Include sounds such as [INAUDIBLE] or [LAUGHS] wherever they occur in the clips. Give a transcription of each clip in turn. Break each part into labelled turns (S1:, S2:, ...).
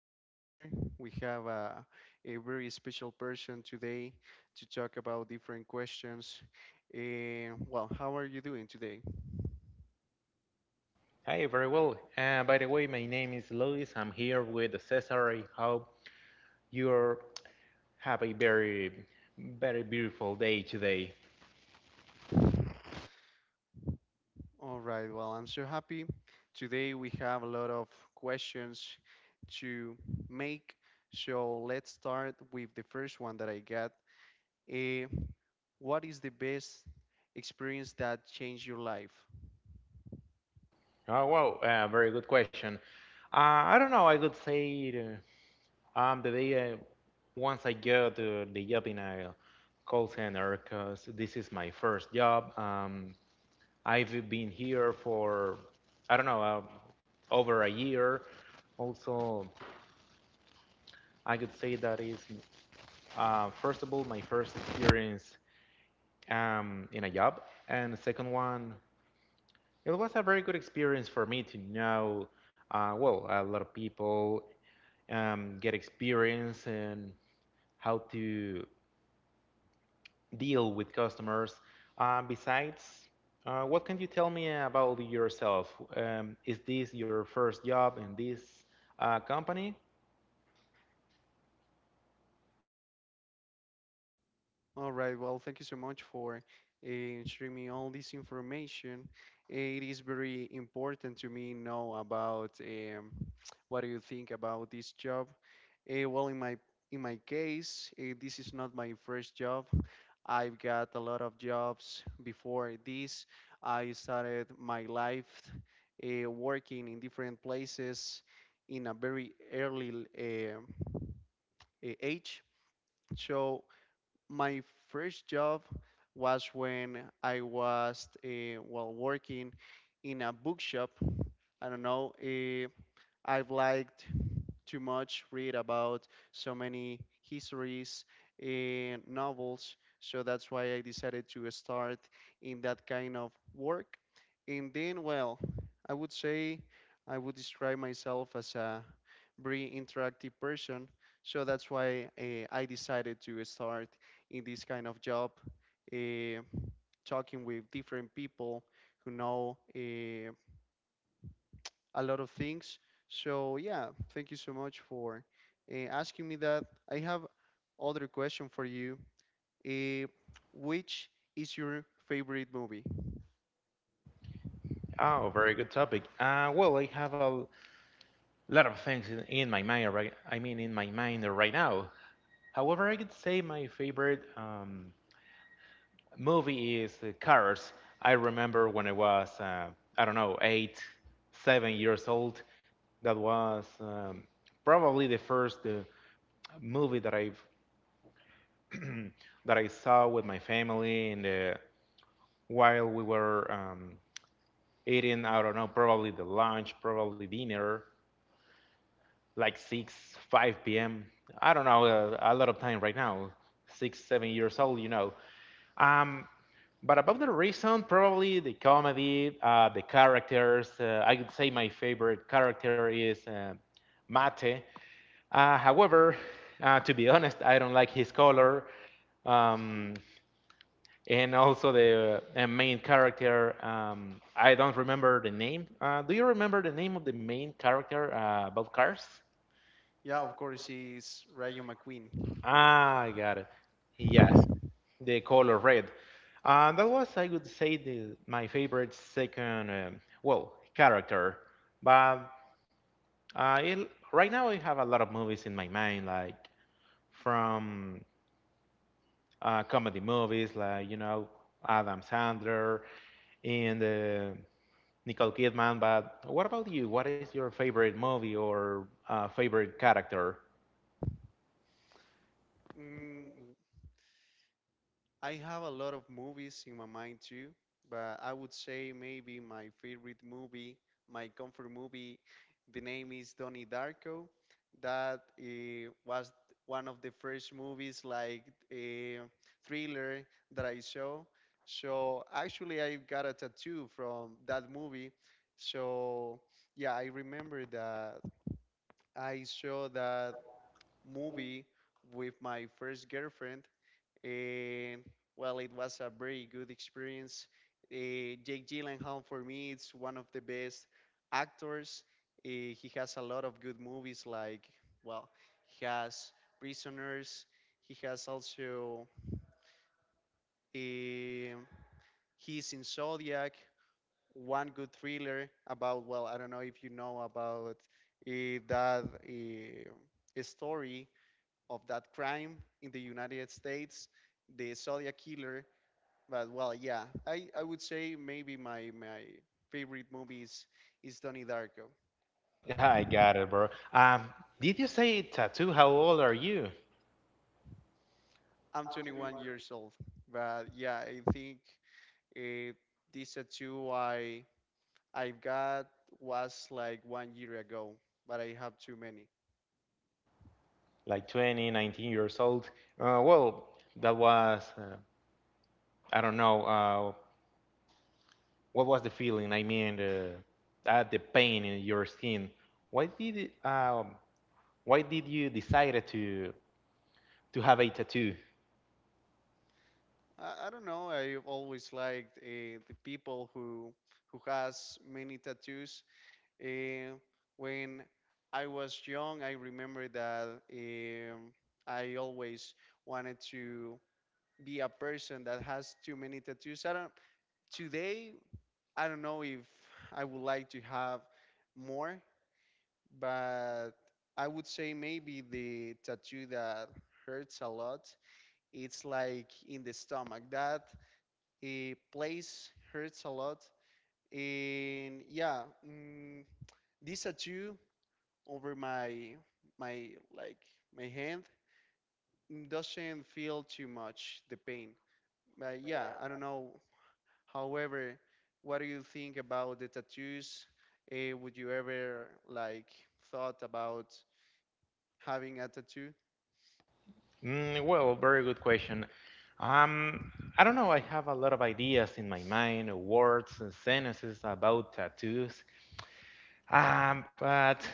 S1: to be here. We have a very special person today to talk about different questions. And well, how are you doing today?
S2: Hi, very well. By the way, my name is Luis. I'm here with Cesar. I hope you have a very, very beautiful day today.
S1: All right. Well, I'm so happy. Today we have a lot of questions to make. So let's start with the first one that I got. Eh, what is the best experience that changed your life?
S2: Oh, wow, very good question. I don't know. I could say the day once I got the job in a call center, because this is my first job. I've been here for, I don't know, over a year. Also, I could say that is first of all, my first experience in a job, and the second one, it was a very good experience for me to know, well, a lot of people get experience and how to deal with customers. Besides, what can you tell me about yourself? Is this your first job in this company?
S1: All right. Well, thank you so much for sharing me all this information. It is very important to me know about what do you think about this job. Well, in my case, this is not my first job. I've got a lot of jobs before this. I started my life working in different places in a very early age. So my first job was when I was while working in a bookshop. I don't know. I've liked too much, read about so many histories and novels. So that's why I decided to start in that kind of work. And then, well, I would say I would describe myself as a very interactive person. So that's why I decided to start in this kind of job, uh, talking with different people who know. A lot of things. So yeah, thank you so much for asking me that. I have other question for you. Uh, which is your favorite movie?
S2: Oh, very good topic. Well, I have a lot of things in my mind. Right, I mean, in my mind right now. However, I could say my favorite movie is Cars. I remember when I was, I don't know, 8, 7 years old. That was probably the first movie that I saw with my family, and while we were eating, I don't know, probably the lunch, probably dinner, like 6, 5 p.m. I don't know, a lot of time right now, 6, 7 years old. Um, But about the reason, probably the comedy, the characters. I would say my favorite character is Mate. However, to be honest, I don't like his color. Um, and also the main character, I don't remember the name. Do you remember the name of the main character about cars?
S1: Yeah, of course, is Rayo McQueen.
S2: Ah, I got it. Yes. The color red. And that was, I would say, my favorite second, well, character. But right now I have a lot of movies in my mind, like from comedy movies, like, Adam Sandler and Nicole Kidman. But what about you? What is your favorite movie or favorite character?
S1: Mm, I have a lot of movies in my mind too, but I would say maybe my favorite movie, my comfort movie, the name is Donnie Darko. That was one of the first movies like a thriller that I saw. So actually, I got a tattoo from that movie. So yeah, I remember that I saw that movie with my first girlfriend. um well, it was a very good experience. Jake Gyllenhaal for me is one of the best actors. He has a lot of good movies like, well, he has Prisoners. He has also, um he's in Zodiac, one good thriller about, well, I don't know if you know about that story of that crime in the United States, the Zodiac killer. But well, yeah, I would say maybe my favorite movie is Donnie Darko.
S2: I got it, bro. Did you say tattoo? How old are you?
S1: I'm 21 years old, but yeah, I think uh, this tattoo I have got was like one year ago, but I have too many.
S2: Like 20, 19 years old. Well, that was, I don't know, what was the feeling? I mean, at the pain in your skin. Why did it, um, why did you decide to have a tattoo?
S1: I don't know. I've always liked the people who has many tattoos. Uh, when I was young, I remember that I always wanted to be a person that has too many tattoos. I don't today I don't know if I would like to have more, but I would say maybe the tattoo that hurts a lot. It's like in the stomach. That a place hurts a lot. And yeah, mm, this tattoo over my like my hand doesn't feel too much the pain. But yeah, I don't know. However, what do you think about the tattoos? Would you ever like thought about having a tattoo?
S2: Mm, well, very good question. Um, I don't know. I have a lot of ideas in my mind, words and sentences about tattoos. But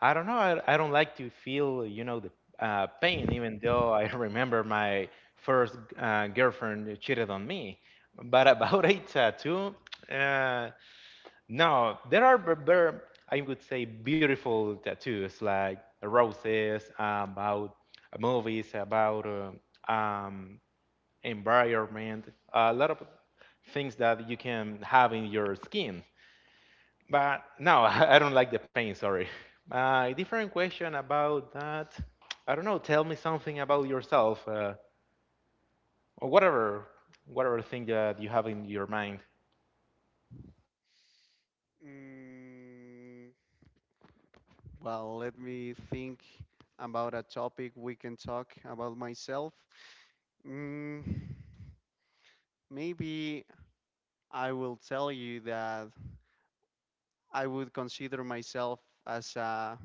S2: I don't know. I don't like to feel, the pain, even though I [LAUGHS] remember my first girlfriend cheated on me. But about a tattoo, uh, no, there are, b- b- I would say, beautiful tattoos like roses, about movies, about environment, a lot of things that you can have in your skin. But no, [LAUGHS] I don't like the pain, sorry. My different question about that, I don't know, tell me something about yourself, or whatever, whatever thing that you have in your mind.
S1: Mm, well, let me think about a topic we can talk about myself. Mm, maybe I will tell you that I would consider myself as a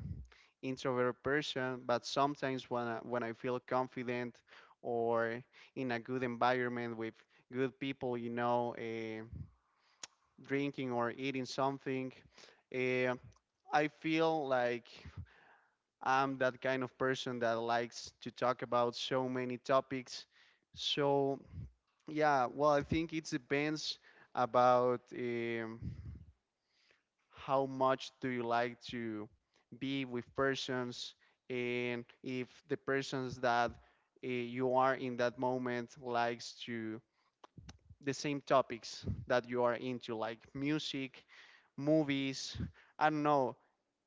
S1: introvert person, but sometimes when I feel confident or in a good environment with good people, you know, drinking or eating something, uh, I feel like I'm that kind of person that likes to talk about so many topics. So yeah, well, I think it depends about how much do you like to be with persons, and if the persons that you are in that moment likes to the same topics that you are into, like music, movies, I don't know,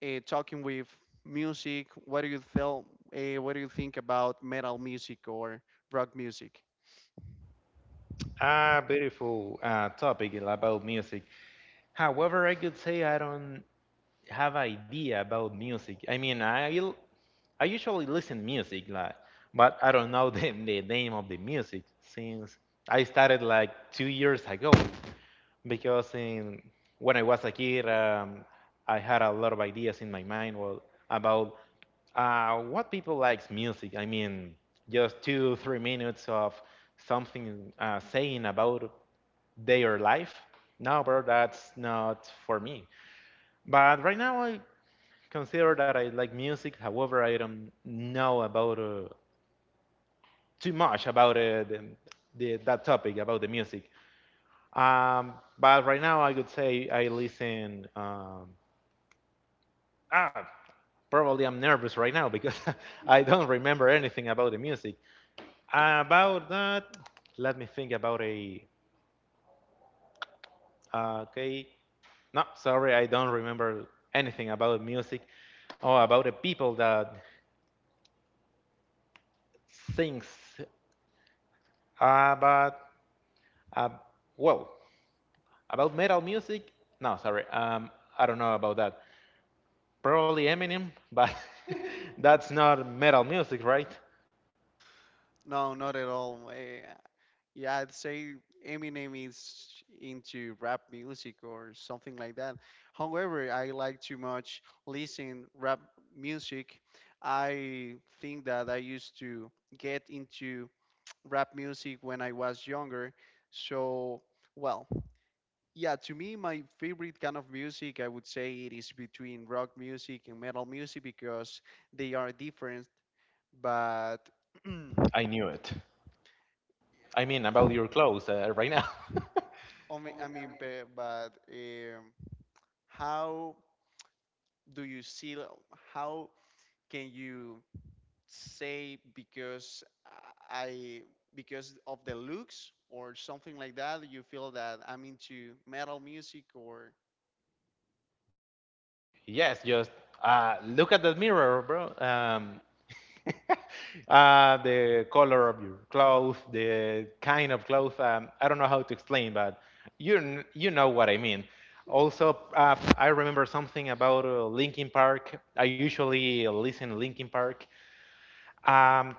S1: talking with music. What do you feel? What do you think about metal music or rock music?
S2: Ah, beautiful topic about music. However, I could say I don't have idea about music. I mean, I usually listen music, like, but I don't know [LAUGHS] the name of the music since I started like 2 years ago. Because when I was a kid, I had a lot of ideas in my mind, well, about what people likes music. I mean, just 2, 3 minutes of something saying about their life. No, bro, that's not for me. But right now, I consider that I like music. However, I don't know about too much about that topic about the music. Um, but right now, I would say I listen. Ah, Probably I'm nervous right now because [LAUGHS] I don't remember anything about the music. About that, let me think about a. Okay. No, sorry, I don't remember anything about music or about the people that sings. But, uh, well, about metal music? No, sorry. I don't know about that. Probably Eminem, but [LAUGHS] that's not metal music, right?
S1: No, not at all. Yeah, I'd say Eminem is into rap music or something like that. However, I like too much listen rap music. I think that I used to get into rap music when I was younger. So, well, yeah, to me, my favorite kind of music, I would say it is between rock music and metal music because they are different, but [CLEARS THROAT]
S2: I knew it. I mean, about your clothes right now. [LAUGHS]
S1: I mean, but how do you see? How can you say, because I, because of the looks or something like that? You feel that I'm into metal music, or
S2: Yes, just look at the mirror, bro. [LAUGHS] The color of your clothes, the kind of clothes. I don't know how to explain, but you know what I mean. Also, I remember something about Linkin Park. I usually listen to Linkin Park um,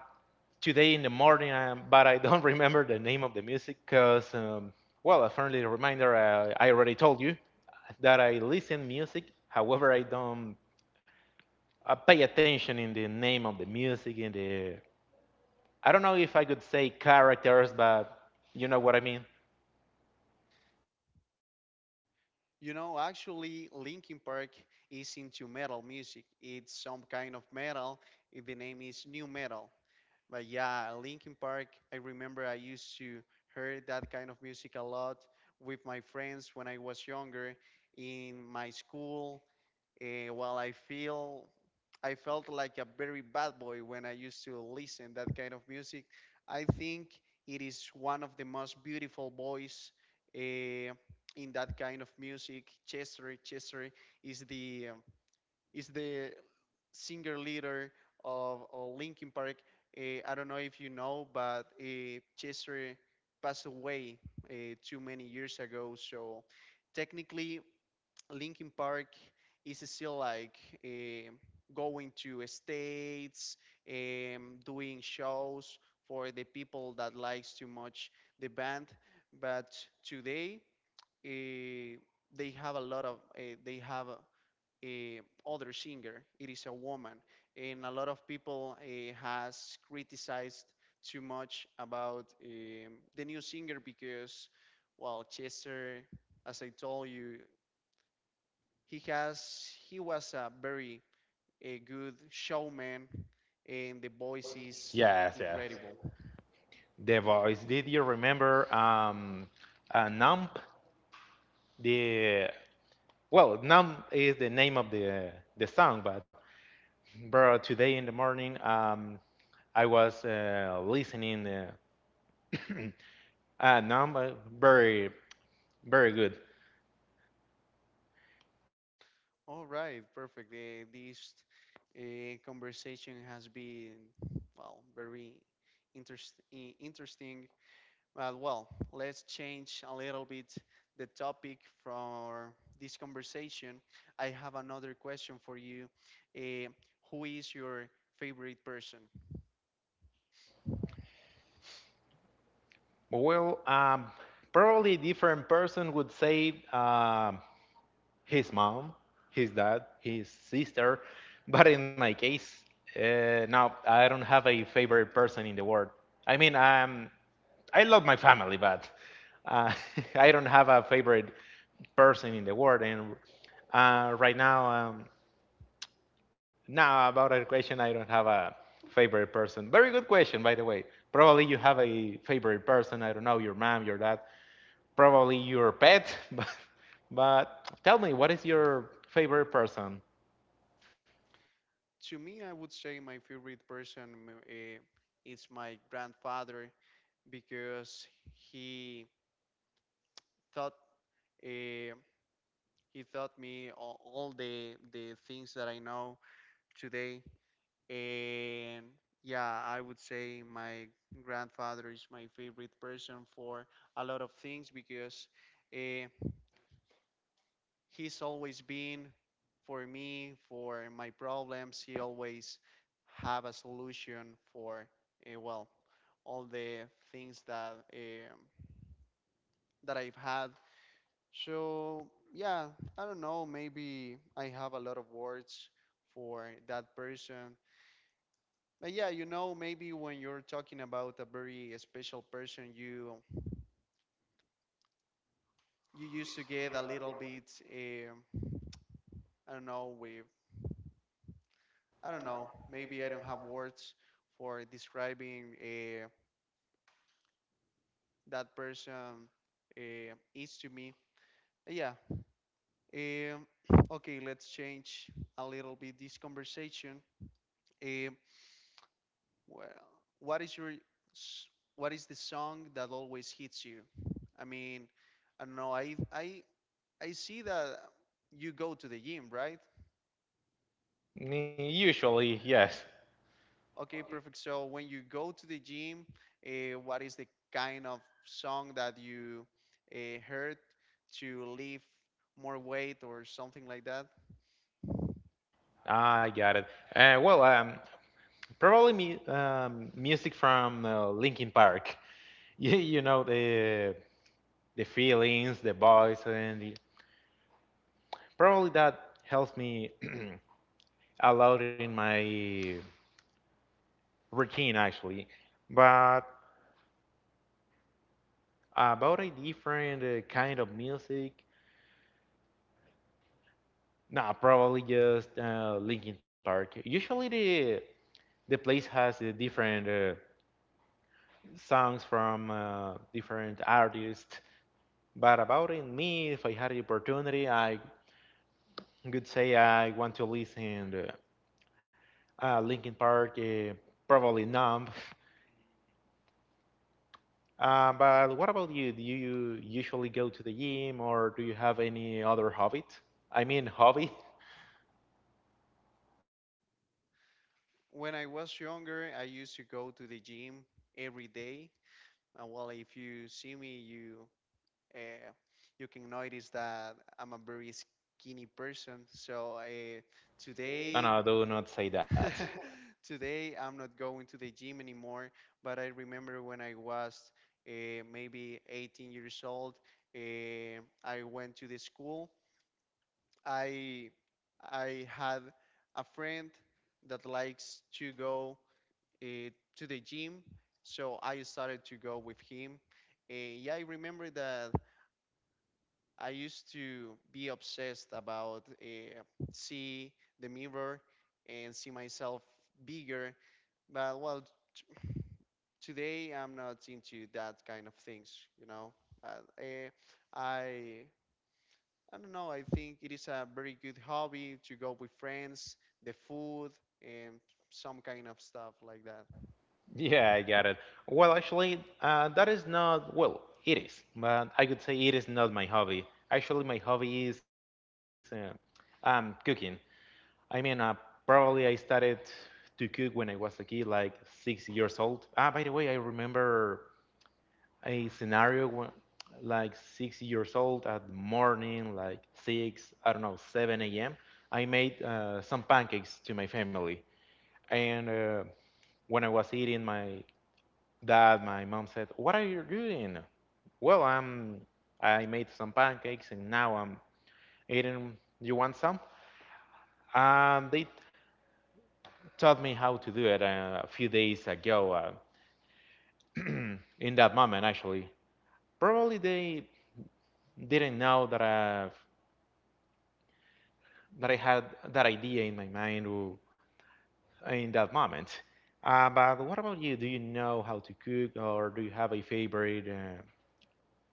S2: today in the morning, but I don't [LAUGHS] remember the name of the music because, well, a friendly reminder. I already told you that I listen music. However, I don't I pay attention in the name of the music, in the I don't know if I could say characters, but you know what I mean.
S1: you know, actually, Linkin Park is into metal music. It's some kind of metal. The name is new metal. But yeah, Linkin Park, I remember I used to hear that kind of music a lot with my friends when I was younger in my school. While I felt like a very bad boy when I used to listen that kind of music, I think it is one of the most beautiful voice eh, in that kind of music. Chester is the singer leader of Linkin Park. I don't know if you know, but Chester passed away too many years ago. So technically, Linkin Park is still like eh, going to states, doing shows for the people that likes too much the band. But today, eh, they have a lot of, they have, eh, other singer. It is a woman, and a lot of people has criticized too much about the new singer because, well, Chester, as I told you, he was a very a good showman, and the voice is
S2: Yes, yes.
S1: incredible.
S2: The voice. Did you remember Nump? The Well, Nump is the name of the song, but bro, today in the morning, I was listening [CLEARS THROAT] Nump, very very good.
S1: All right, perfect. This conversation has been, well, very interesting. Well, let's change a little bit the topic for this conversation. I have another question for you. Uh, who is your favorite person?
S2: Well, probably different person would say his mom, his dad, his sister. But in my case, no, I don't have a favorite person in the world. I mean, I love my family, but uh, [LAUGHS] I don't have a favorite person in the world. And right now, now about that question, I don't have a favorite person. Very good question, by the way. Probably you have a favorite person. I don't know, your mom, your dad, probably your pet, [LAUGHS] but tell me, what is your favorite person?
S1: To me, I would say my favorite person is my grandfather because he taught uh, he taught me all the things that I know today. And yeah, I would say my grandfather is my favorite person for a lot of things because uh, he's always been for me, for my problems. He always have a solution for, well, all the things that I've had. So yeah, I don't know. Maybe I have a lot of words for that person. But yeah, you know, maybe when you're talking about a very special person, you used to get a little bit, I don't know, with I don't know, maybe I don't have words for describing that person is to me. Yeah. Um, okay, let's change a little bit this conversation. Um, well, what is your s- what is the song that always hits you? I mean, I don't know. I see that you go to the gym, right?
S2: Usually, yes.
S1: Okay, perfect. So when you go to the gym, what is the kind of song that you heard to lift more weight or something like that?
S2: I got it. Well, probably music from Linkin Park. [LAUGHS] You know the feelings, the voice, and probably that helps me [CLEARS THROAT] a lot in my routine actually. But about a different kind of music, nah, probably just Linkin Park. Usually the place has different songs from different artists. But about in me, if I had the opportunity, I could say I want to listen Linkin Park. Probably Numb. But what about you? Do you usually go to the gym, or do you have any other hobby? I mean hobby. [LAUGHS]
S1: When I was younger, I used to go to the gym every day. Well, if you see me, Uh, you can notice that I'm a very skinny person. So
S2: No,
S1: today,
S2: no, do not say that.
S1: [LAUGHS] today I'm not going to the gym anymore. But I remember when I was maybe 18 years old, I went to the school. I I had a friend that likes to go uh, to the gym, so I started to go with him. Yeah, I remember that I used to be obsessed about see the mirror and see myself bigger. But well, t- today I'm not into that kind of things, you know. But I I don't know. I think it is a very good hobby to go with friends, the food, and some kind of stuff like that.
S2: Yeah, I got it. Well, actually, that is not, well, it is, but I could say it is not my hobby. Actually, my hobby is cooking. I mean, probably I started to cook when I was a kid, like 6 years old. Ah, by the way, I remember a scenario when, like 6 years old at the morning, like six, I don't know, 7 a.m. I made some pancakes to my family, and when I was eating my that my mom said, "What are you doing?" Well, I made some pancakes and now I'm eating. You want some? And they taught me how to do it a few days ago. [CLEARS THROAT] In that moment, actually, probably they didn't know that I had that idea in my mind in that moment. But what about you? Do you know how to cook, or do you have a favorite?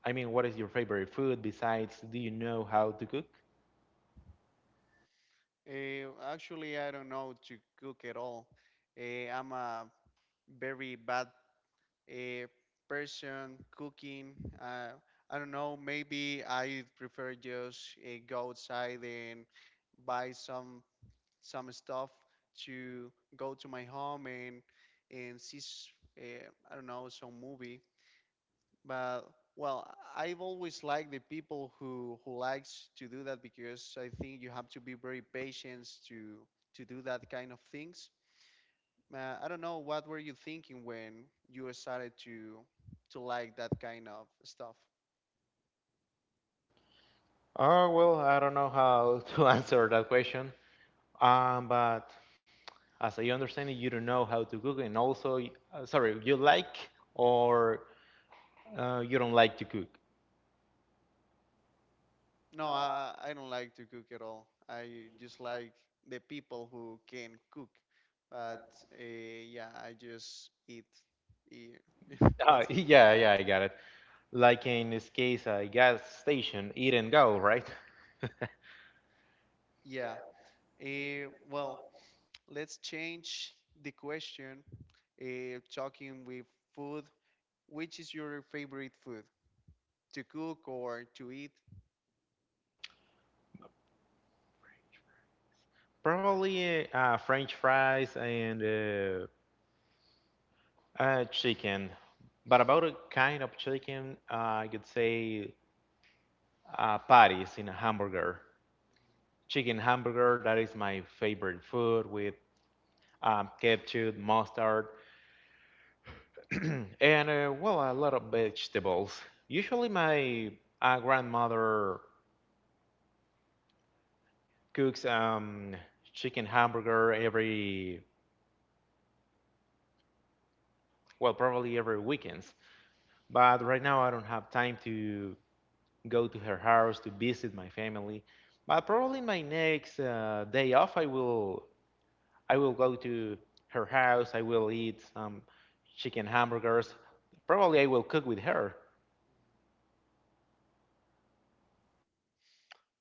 S2: I mean, what is your favorite food besides? Do you know how to cook?
S1: Actually, I don't know to cook at all. I'm a very bad, a person cooking. Uh, I don't know. Maybe I prefer just go outside and buy some stuff to go to my home and see. I don't know some movie, but well, I've always liked the people who likes to do that because I think you have to be very patient to do that kind of things. I don't know what were you thinking when you started to like that kind of stuff.
S2: Oh well, I don't know how to [LAUGHS] answer that question. But as I understand it, you don't know how to cook, and also, sorry, you like or you don't like to cook.
S1: No, I don't like to cook at all. I just like the people who can cook. But uh, yeah, I just eat. Yeah, [LAUGHS]
S2: [LAUGHS]
S1: that's it.
S2: Yeah, yeah, I got it. Like in this case, a gas station, eat and go, right?
S1: Yeah. Well, let's change the question. Talking with food, which is your favorite food to cook or to eat?
S2: [LAUGHS] Probably French fries and chicken. But about a kind of chicken, I could say patties in a hamburger. Chicken hamburger. That is my favorite food with ketchup, mustard, [CLEARS THROAT] and well, a lot of vegetables. Usually, my grandmother cooks chicken hamburger every well, probably every weekends. But right now, I don't have time to go to her house to visit my family. But probably my next day off, I will go to her house. I will eat some chicken hamburgers. Probably I will cook with her.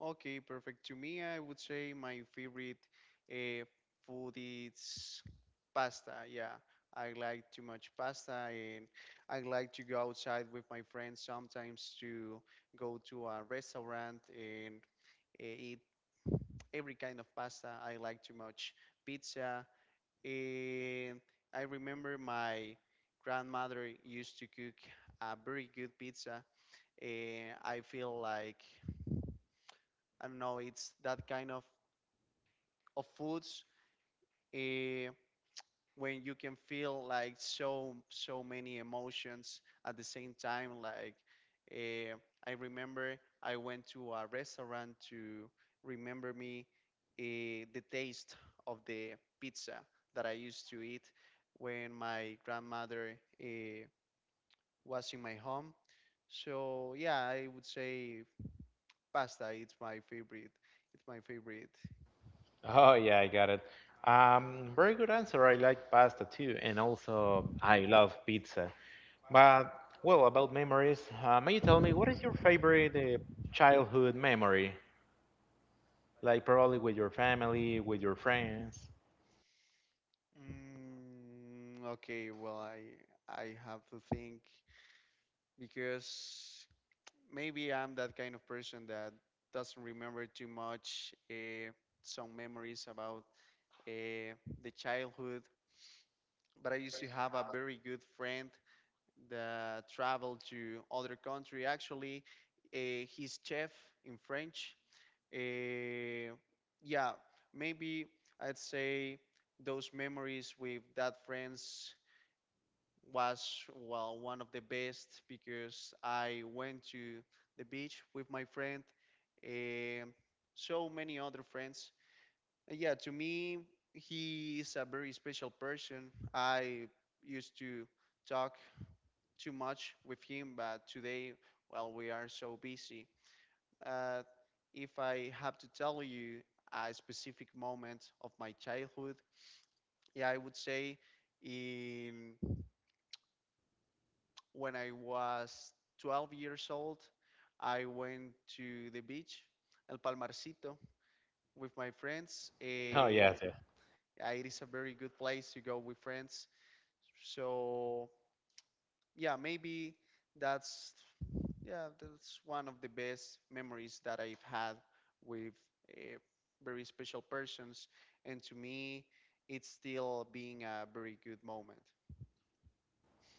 S1: Okay, perfect. To me, I would say my favorite uh, food is pasta. Yeah, I like too much pasta, and I like to go outside with my friends sometimes to go to a restaurant and eat every kind of pasta. I like too much pizza, and I remember my grandmother used to cook a very good pizza, and I feel like I don't know, it's that kind of foods eh, when you can feel like so many emotions at the same time like eh, I remember I went to a restaurant to remember me, the taste of the pizza that I used to eat when my grandmother was in my home. So yeah, I would say pasta, it's my favorite.
S2: Oh yeah, I got it. Very good answer. I like pasta too, and also I love pizza. But well, about memories, may you tell me what is your favorite childhood memory? Like probably with your family, with your friends.
S1: Mm, okay, well, I have to think because maybe I'm that kind of person that doesn't remember too much some memories about uh, the childhood. But I used to have a very good friend that traveled to other country. Actually, he's chef in French. Uh, yeah, maybe I'd say those memories with that friends was, well, one of the best because I went to the beach with my friend and so many other friends. Yeah, to me, he is a very special person. I used to talk too much with him, but today, well, we are so busy. Uh, if I have to tell you a specific moment of my childhood, yeah, I would say in when I was 12 years old, I went to the beach, El Palmarcito, with my friends.
S2: Oh yes, yes.
S1: It is a very good place to go with friends. So yeah, maybe that's yeah, that's one of the best memories that I've had with uh, very special persons, and to me, it's still being a very good moment.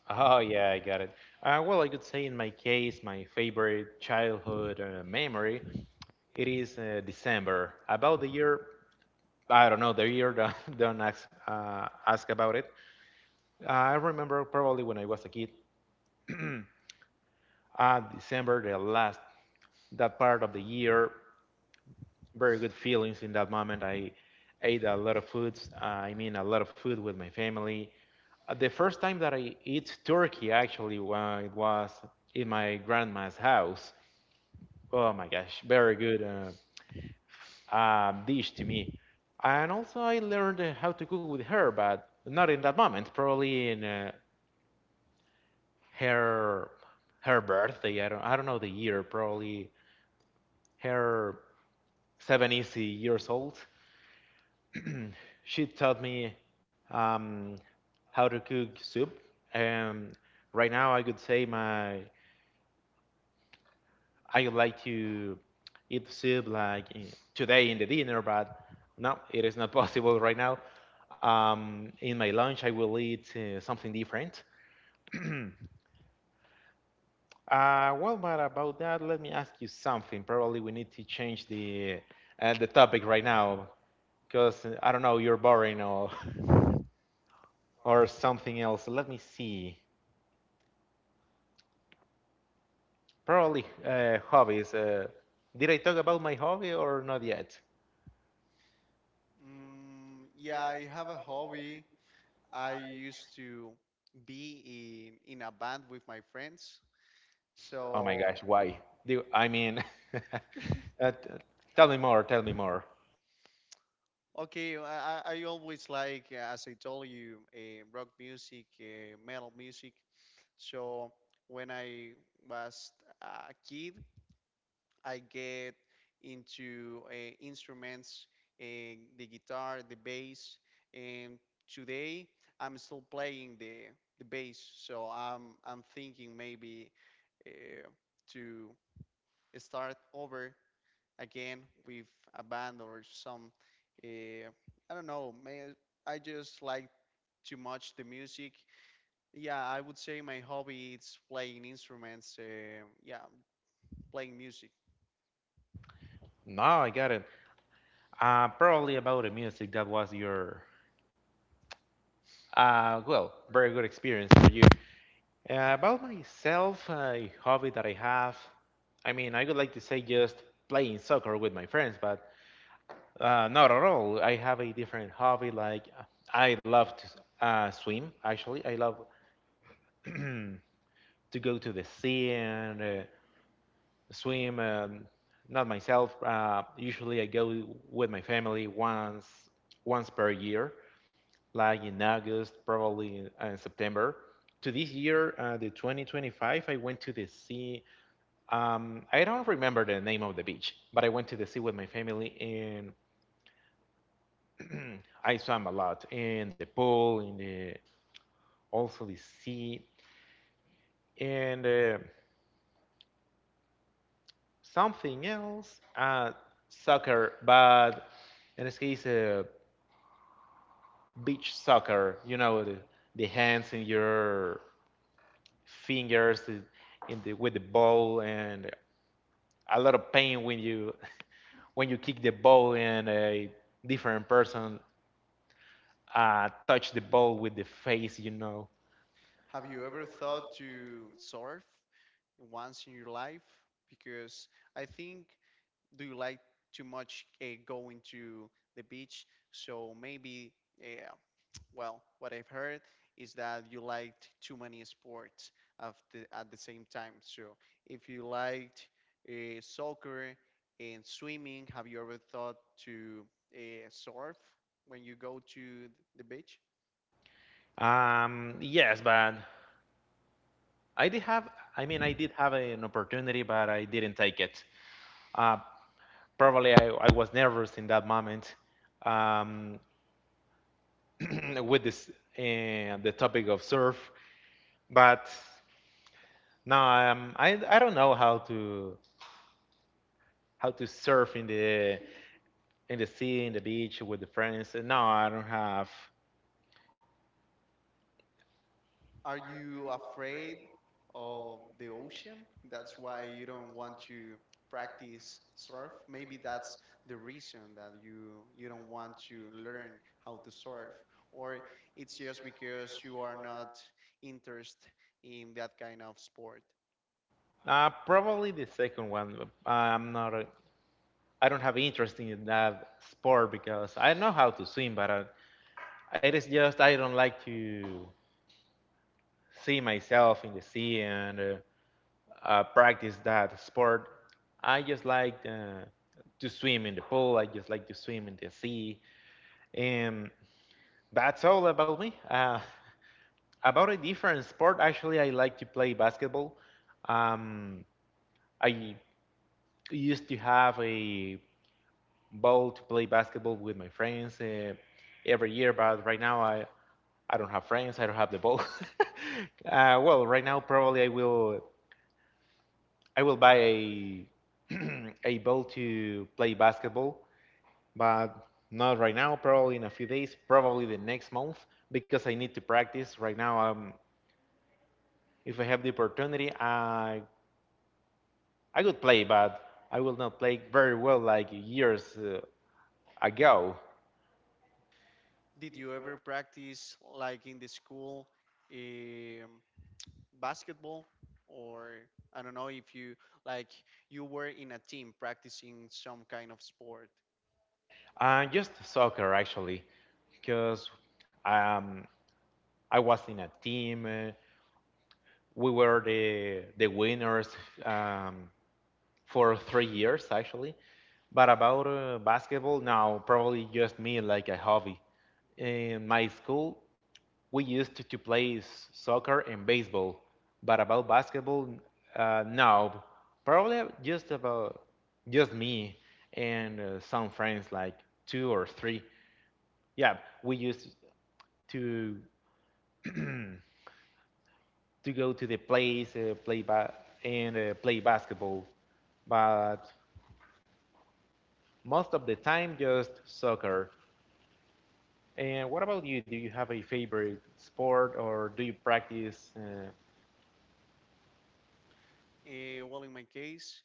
S2: Oh yeah, I got it. Well, I could say in my case, my favorite childhood memory. It is December, about the year. I don't know the year. [LAUGHS] Don't ask about it. I remember probably when I was a kid. [CLEARS THROAT] December, the last that part of the year, very good feelings in that moment. I ate a lot of foods. I mean, a lot of food with my family. The first time that I eat turkey, actually, well, it was in my grandma's house. Oh my gosh, very good. Dish to me. And also, I learned how to cook with her, but not in that moment. Probably in her her birthday. I don't know the year. Probably her 70s years old. [CLEARS THROAT] She taught me um, how to cook soup. And right now, I could say my I would like to eat soup like today in the dinner, but no, it is not [LAUGHS] possible right now. In my lunch, I will eat something different. [CLEARS THROAT] Well, but about that, let me ask you something. Probably we need to change the topic right now because I don't know, you're boring or [LAUGHS] or something else. Let me see. Probably hobbies. Did I talk about my hobby or not yet?
S1: Mm, yeah, I have a hobby. I used to be in a band with my friends.
S2: Oh my gosh,
S1: So,
S2: why? Do I mean, [LAUGHS] uh, t- tell me more, tell me more.
S1: okay, I always like, as I told you, rock music, metal music. So, when I was a kid, I get into instruments, uh, the guitar, the bass, and today I'm still playing the bass. So, I'm thinking maybe uh, to start over again with a band or some, uh, I don't know. May I just like too much the music. Yeah, I would say my hobby is playing instruments. Yeah, playing music.
S2: No, I got it. Probably about the music that was your, well, very good experience for you. About myself, a hobby that I have. I mean, I would like to say just playing soccer with my friends, but not at all. I have a different hobby. Like I love to swim. Actually, I love [CLEARS THROAT] to go to the sea and swim and not myself. Usually I go with my family once per year, like in August, probably in September. To this year, the 2025, I went to the sea. I don't remember the name of the beach, but I went to the sea with my family and [CLEARS THROAT] I swam a lot in the pool, in the also the sea, and something else, uh, soccer. But in this case, beach soccer. You know, the hands in your fingers in with the ball, and a lot of pain when you [LAUGHS] when you kick the ball and a different person touch the ball with the face. You know.
S1: Have you ever thought to surf once in your life? Because I think, do you like too much going to the beach? So maybe uh, well, what I've heard is that you liked too many sports of the, at the same time. So, if you liked soccer and swimming, have you ever thought to surf when you go to the beach?
S2: Yes, but I did have. I mean, I did have an opportunity, but I didn't take it. Uh, Probably I was nervous in that moment um, [CLEARS THROAT] with this the topic of surf, but no, I don't know how to surf in the sea in the beach with the friends. No, I don't have.
S1: Are you afraid of the ocean? That's why you don't want to practice surf. Maybe that's the reason that you don't want to learn how to surf, or it's just because you are not interested in that kind of sport.
S2: Probably the second one. I'm not. I don't have interest in that sport because I know how to swim, but I, it is just I don't like to see myself in the sea and practice that sport. I just like to swim in the pool. I just like to swim in the sea, and that's all about me. [LAUGHS] About a different sport, actually, I like to play basketball. Um, I used to have a ball to play basketball with my friends every year, but right now I don't have friends. I don't have the ball. [LAUGHS] Well, right now probably I will buy a [CLEARS THROAT] a ball to play basketball, but not right now. Probably in a few days. Probably the next month because I need to practice. Right now, if I have the opportunity, I could play, but I will not play very well like years ago.
S1: Did you ever practice like in the school, um, basketball, or I don't know if you like you were in a team practicing some kind of sport?
S2: Just soccer, actually, because um, I was in a team. We were the winners. Um, for 3 years actually. But about basketball, now probably just me like a hobby. In my school, we used to play soccer and baseball, but about basketball, no, probably just about just me and some friends, like two or three. Yeah, we used to to go to the place, play ba- and play basketball, but most of the time just soccer. And what about you? Do you have a favorite sport or do you practice?
S1: Well, in my case,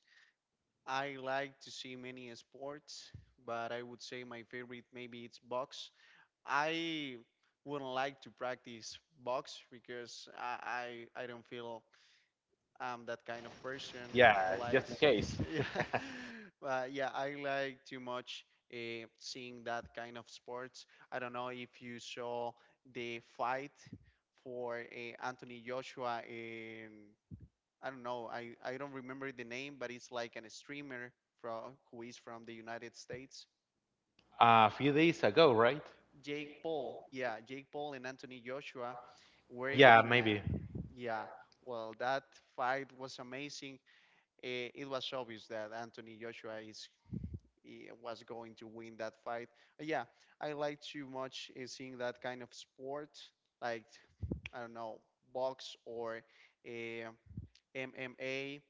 S1: I like to see many sports, but I would say my favorite maybe it's box. I wouldn't like to practice box because I don't feel I'm that kind of person
S2: Yeah,
S1: who
S2: just in
S1: likes
S2: case.
S1: [LAUGHS] yeah,
S2: [LAUGHS]
S1: but yeah, I like too much seeing that kind of sports. I don't know if you saw the fight for Anthony Joshua in, I don't know. I don't remember the name, but it's like an streamer from who is from the United States.
S2: A few days ago, right?
S1: Jake Paul, yeah, Jake Paul and Anthony Joshua were
S2: Yeah,
S1: in a
S2: maybe.
S1: yeah. Well, that fight was amazing. It was obvious that Anthony Joshua is he was going to win that fight. But yeah, I like too much seeing that kind of sport, like I don't know, box or eh, MMA,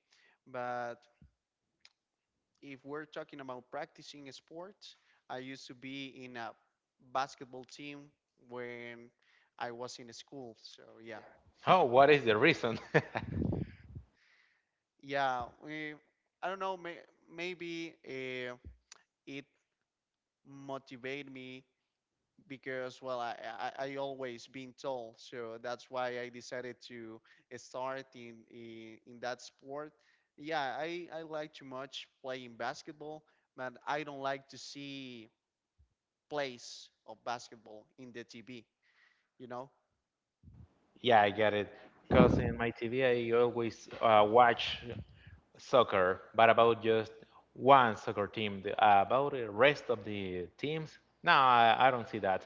S1: but if we're talking about practicing sports, I used to be in a basketball team when I was in school. So yeah,
S2: Oh, what is the reason? [LAUGHS]
S1: yeah. I don't know. Maybe it motivated me because, well, I always been tall, so that's why I decided to start in that sport. Yeah, I like too much playing basketball, but I don't like to see place of basketball in the TV, you know?
S2: Yeah, I get it. Because in my TV, I always watch soccer, but about just one soccer team. The- About the rest of the teams, no, I don't see that.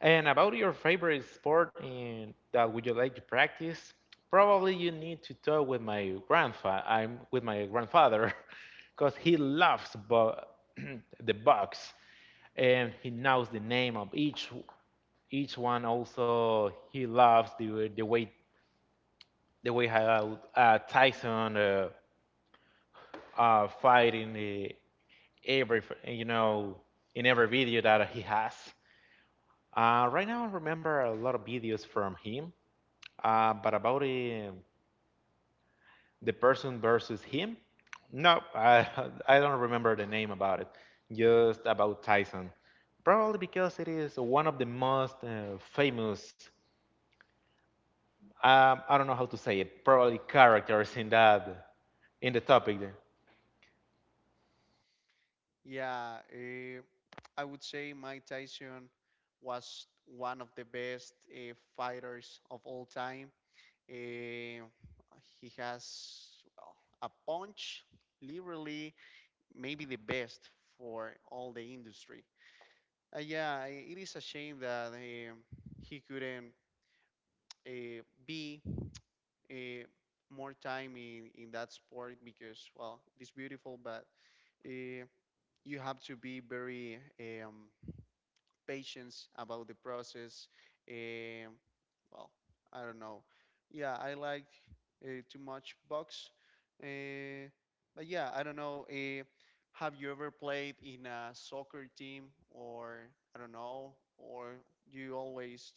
S2: And about your favorite sport in, that would you like to practice? Probably you need to talk with my grandfather. I'm with my grandfather, [LAUGHS] because he loves [CLEARS THROAT] the box, and he knows the name of each one also he loves the way how Tyson fight in the every you know in every video that he has. Right now, I remember a lot of videos from him, but about the person versus him, no, [LAUGHS] I don't remember the name about it. Just about Tyson, probably because it is one of the most famous. I don't know how to say it. Probably characters in that in the topic.
S1: Yeah, I would say Mike Tyson was one of the best fighters of all time. Eh, he has, well, a punch, literally, maybe the best for all the industry. Yeah, it is a shame that he couldn't uh, be uh, more time in that sport because, well, it is beautiful, but uh, you have to be very patient about the process. Um well, I don't know. Yeah, I like too much box. Uh, but yeah, I don't know. Have you ever played in a soccer team or I don't know, or you always,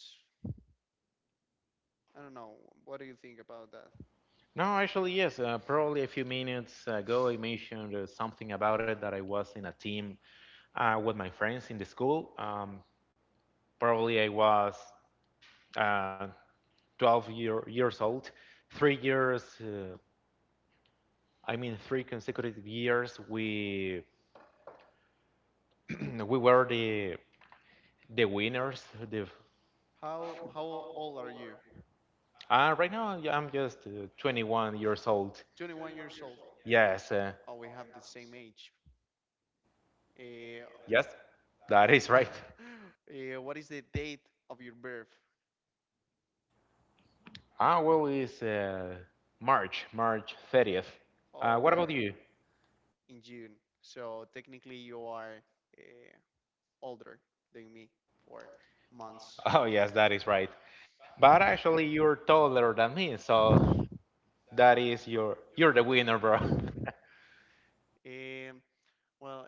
S1: I don't know. What do you think about that?
S2: No, actually, yes. Probably a few minutes ago, I mentioned something about it that I was in a team with my friends in the school. Probably I was uh, 12-year, years old. 3 years, I mean, three consecutive years, we [CLEARS THROAT] we were the winners. The
S1: How old are you?
S2: right now, yeah, I'm just 21 years old.
S1: 21 years old.
S2: Yes,
S1: Oh, we have the same age. Uh,
S2: yes, that is right.
S1: [LAUGHS] What is the date of your birth?
S2: Ah, well, it's March 30th.
S1: All
S2: What about
S1: right,
S2: you? [LAUGHS]
S1: in June. So technically, you are uh, older than me for months.
S2: Oh, yes, that is right. But actually, you're taller than me, so that is your you're the winner, bro. [LAUGHS]
S1: Um, well,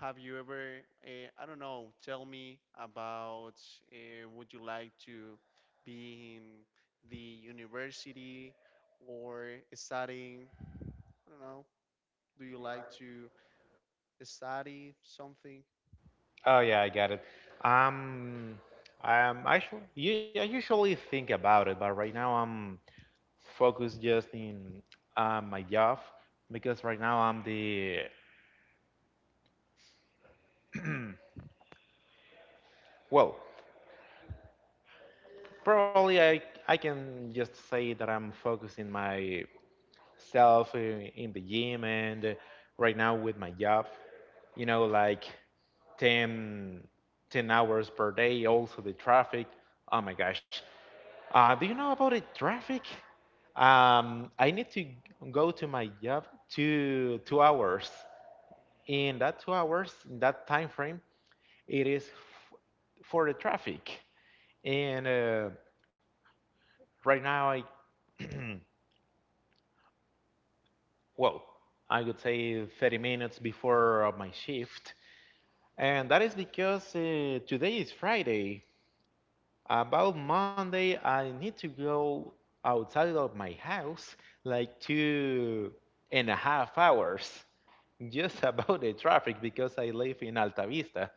S1: have you ever, I don't know, tell me about would you like to be in the university or studying? I don't know. Do you like to study something?
S2: Oh yeah, I got it. Um, I'm actually yeah, I usually think about it, but right now I'm focused just in my job because right now well, probably I can just say that I'm focused in my self in the gym and right now with my job, you know, like 10 10 hours per day, also the traffic. Oh my gosh. Do you know about the traffic? I need to go to my job two, 2 hours. In that 2 hours, in that time frame, it is for the traffic. And right now, I [CLEARS THROAT] well, I would say 30 minutes before my shift. And that is because today is Friday. About Monday, I need to go outside of my house like two and a half hours [LAUGHS] just about the traffic because I live in Alta Vista.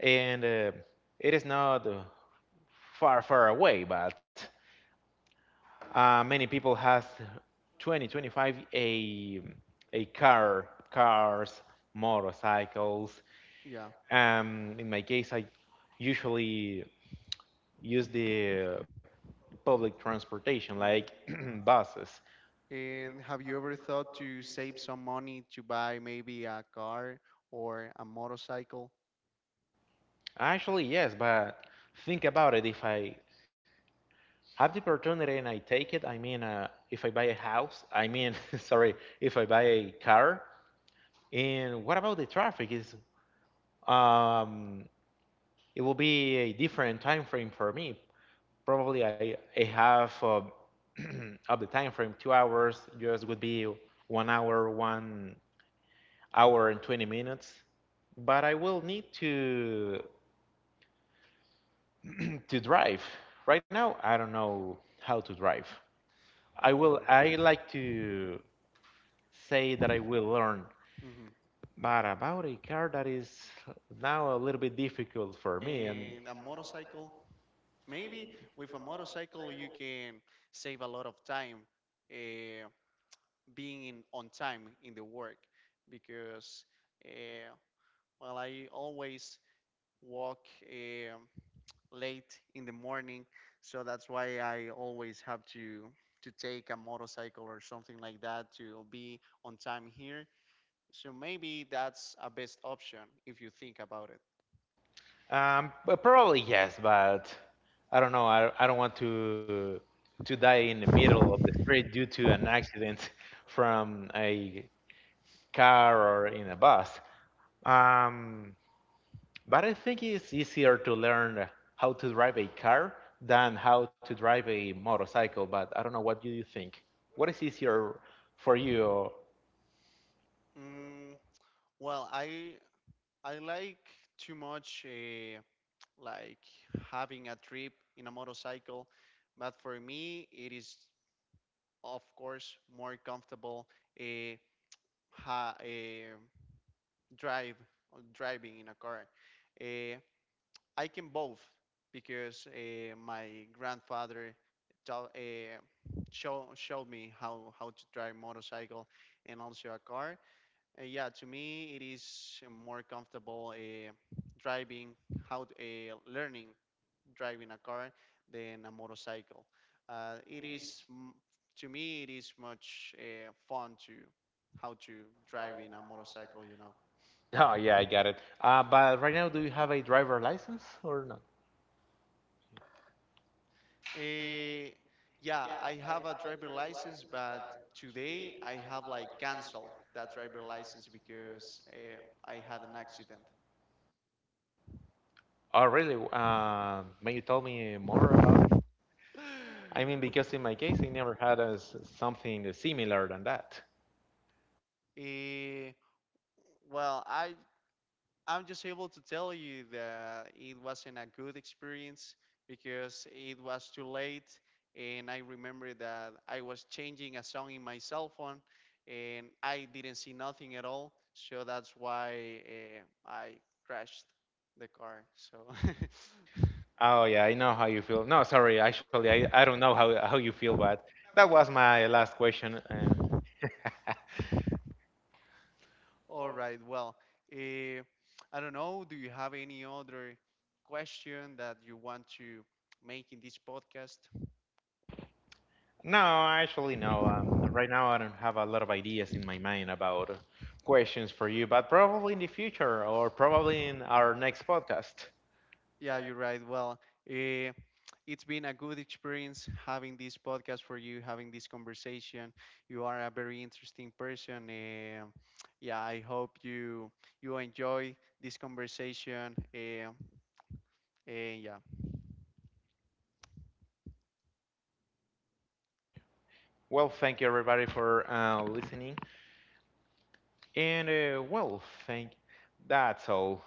S2: And it is not far away, but uh, many people has 20, 25 a car, cars, motorcycles.
S1: Yeah.
S2: In my case, I usually use the public transportation like
S1: Mm.
S2: [CLEARS THROAT] buses.
S1: And have you ever thought to save some money to buy maybe a car or a motorcycle?
S2: Actually, yes, but think about it. If I have the opportunity and I take it, I mean, if I buy a house, I mean, [LAUGHS] sorry, if I buy a car, and what about the traffic? Is um, it will be a different time frame for me. Probably I have [CLEARS THROAT] of the time frame 2 hours. Just would be 1 hour, 1 hour and 20 minutes. But I will need to [CLEARS THROAT] to drive. Right now, I don't know how to drive. I will.
S1: Oh,
S2: I like to say that I will learn,
S1: hmm,
S2: but about a car that is now a little bit difficult for me and.
S1: and a motorcycle. Maybe with a motorcycle you can save a lot of time uh, being in, on time in the work because uh, well, I always walk late in the morning, so that's why I always have to take a motorcycle or something like that to be on time here. So maybe that's a best option if you think about it.
S2: But probably yes, but I don't know. I don't want to die in the middle of the street due to an accident [LAUGHS] from a car or in a bus. Um, but I think it's easier to learn how to drive a car than how to drive a motorcycle. But I don't know. What do you think? What is easier for you? [LAUGHS]
S1: Mm, well, I like too much like having a trip in a motorcycle, but for me it is, of course, more comfortable uh, ha, uh, drive driving in a car. Uh, I can both because my grandfather showed me how to drive motorcycle and also a car. Yeah, to me it is more comfortable driving learning driving a car than a motorcycle. Uh, it is m- to me it is much fun to how to drive in a motorcycle, you know.
S2: Oh, yeah, I got it. But right now, do you have a driver license or not?
S1: Eh, yeah, I have a driver license, but today I have like canceled that driver license because, I had an accident. [LAUGHS]
S2: Oh, really? May you tell me more about? I mean, because in my case, I never had a s something similar than that.
S1: Eh, well, I'm just able to tell you that it wasn't a good experience because it was too late. And I remember that I was changing a song in my cell phone and I didn't see nothing at all. So that's why I crashed the car. So, [LAUGHS]
S2: Oh yeah, I know how you feel. No, sorry, actually, I don't know how you feel, but that was my last question. And
S1: all right. Well, uh, I don't know. Do you have any other question that you want to make in this podcast?
S2: no, actually, no. Right now, I don't have a lot of ideas in my mind about questions for you, but probably in the future or probably in our next podcast.
S1: Yeah, you're right. Well, uh, it's been a good experience having this podcast for you, having this conversation. You are a very interesting person. Yeah, I hope you you enjoy this conversation. And yeah.
S2: Well, thank you everybody for listening, and well, thank. That's all.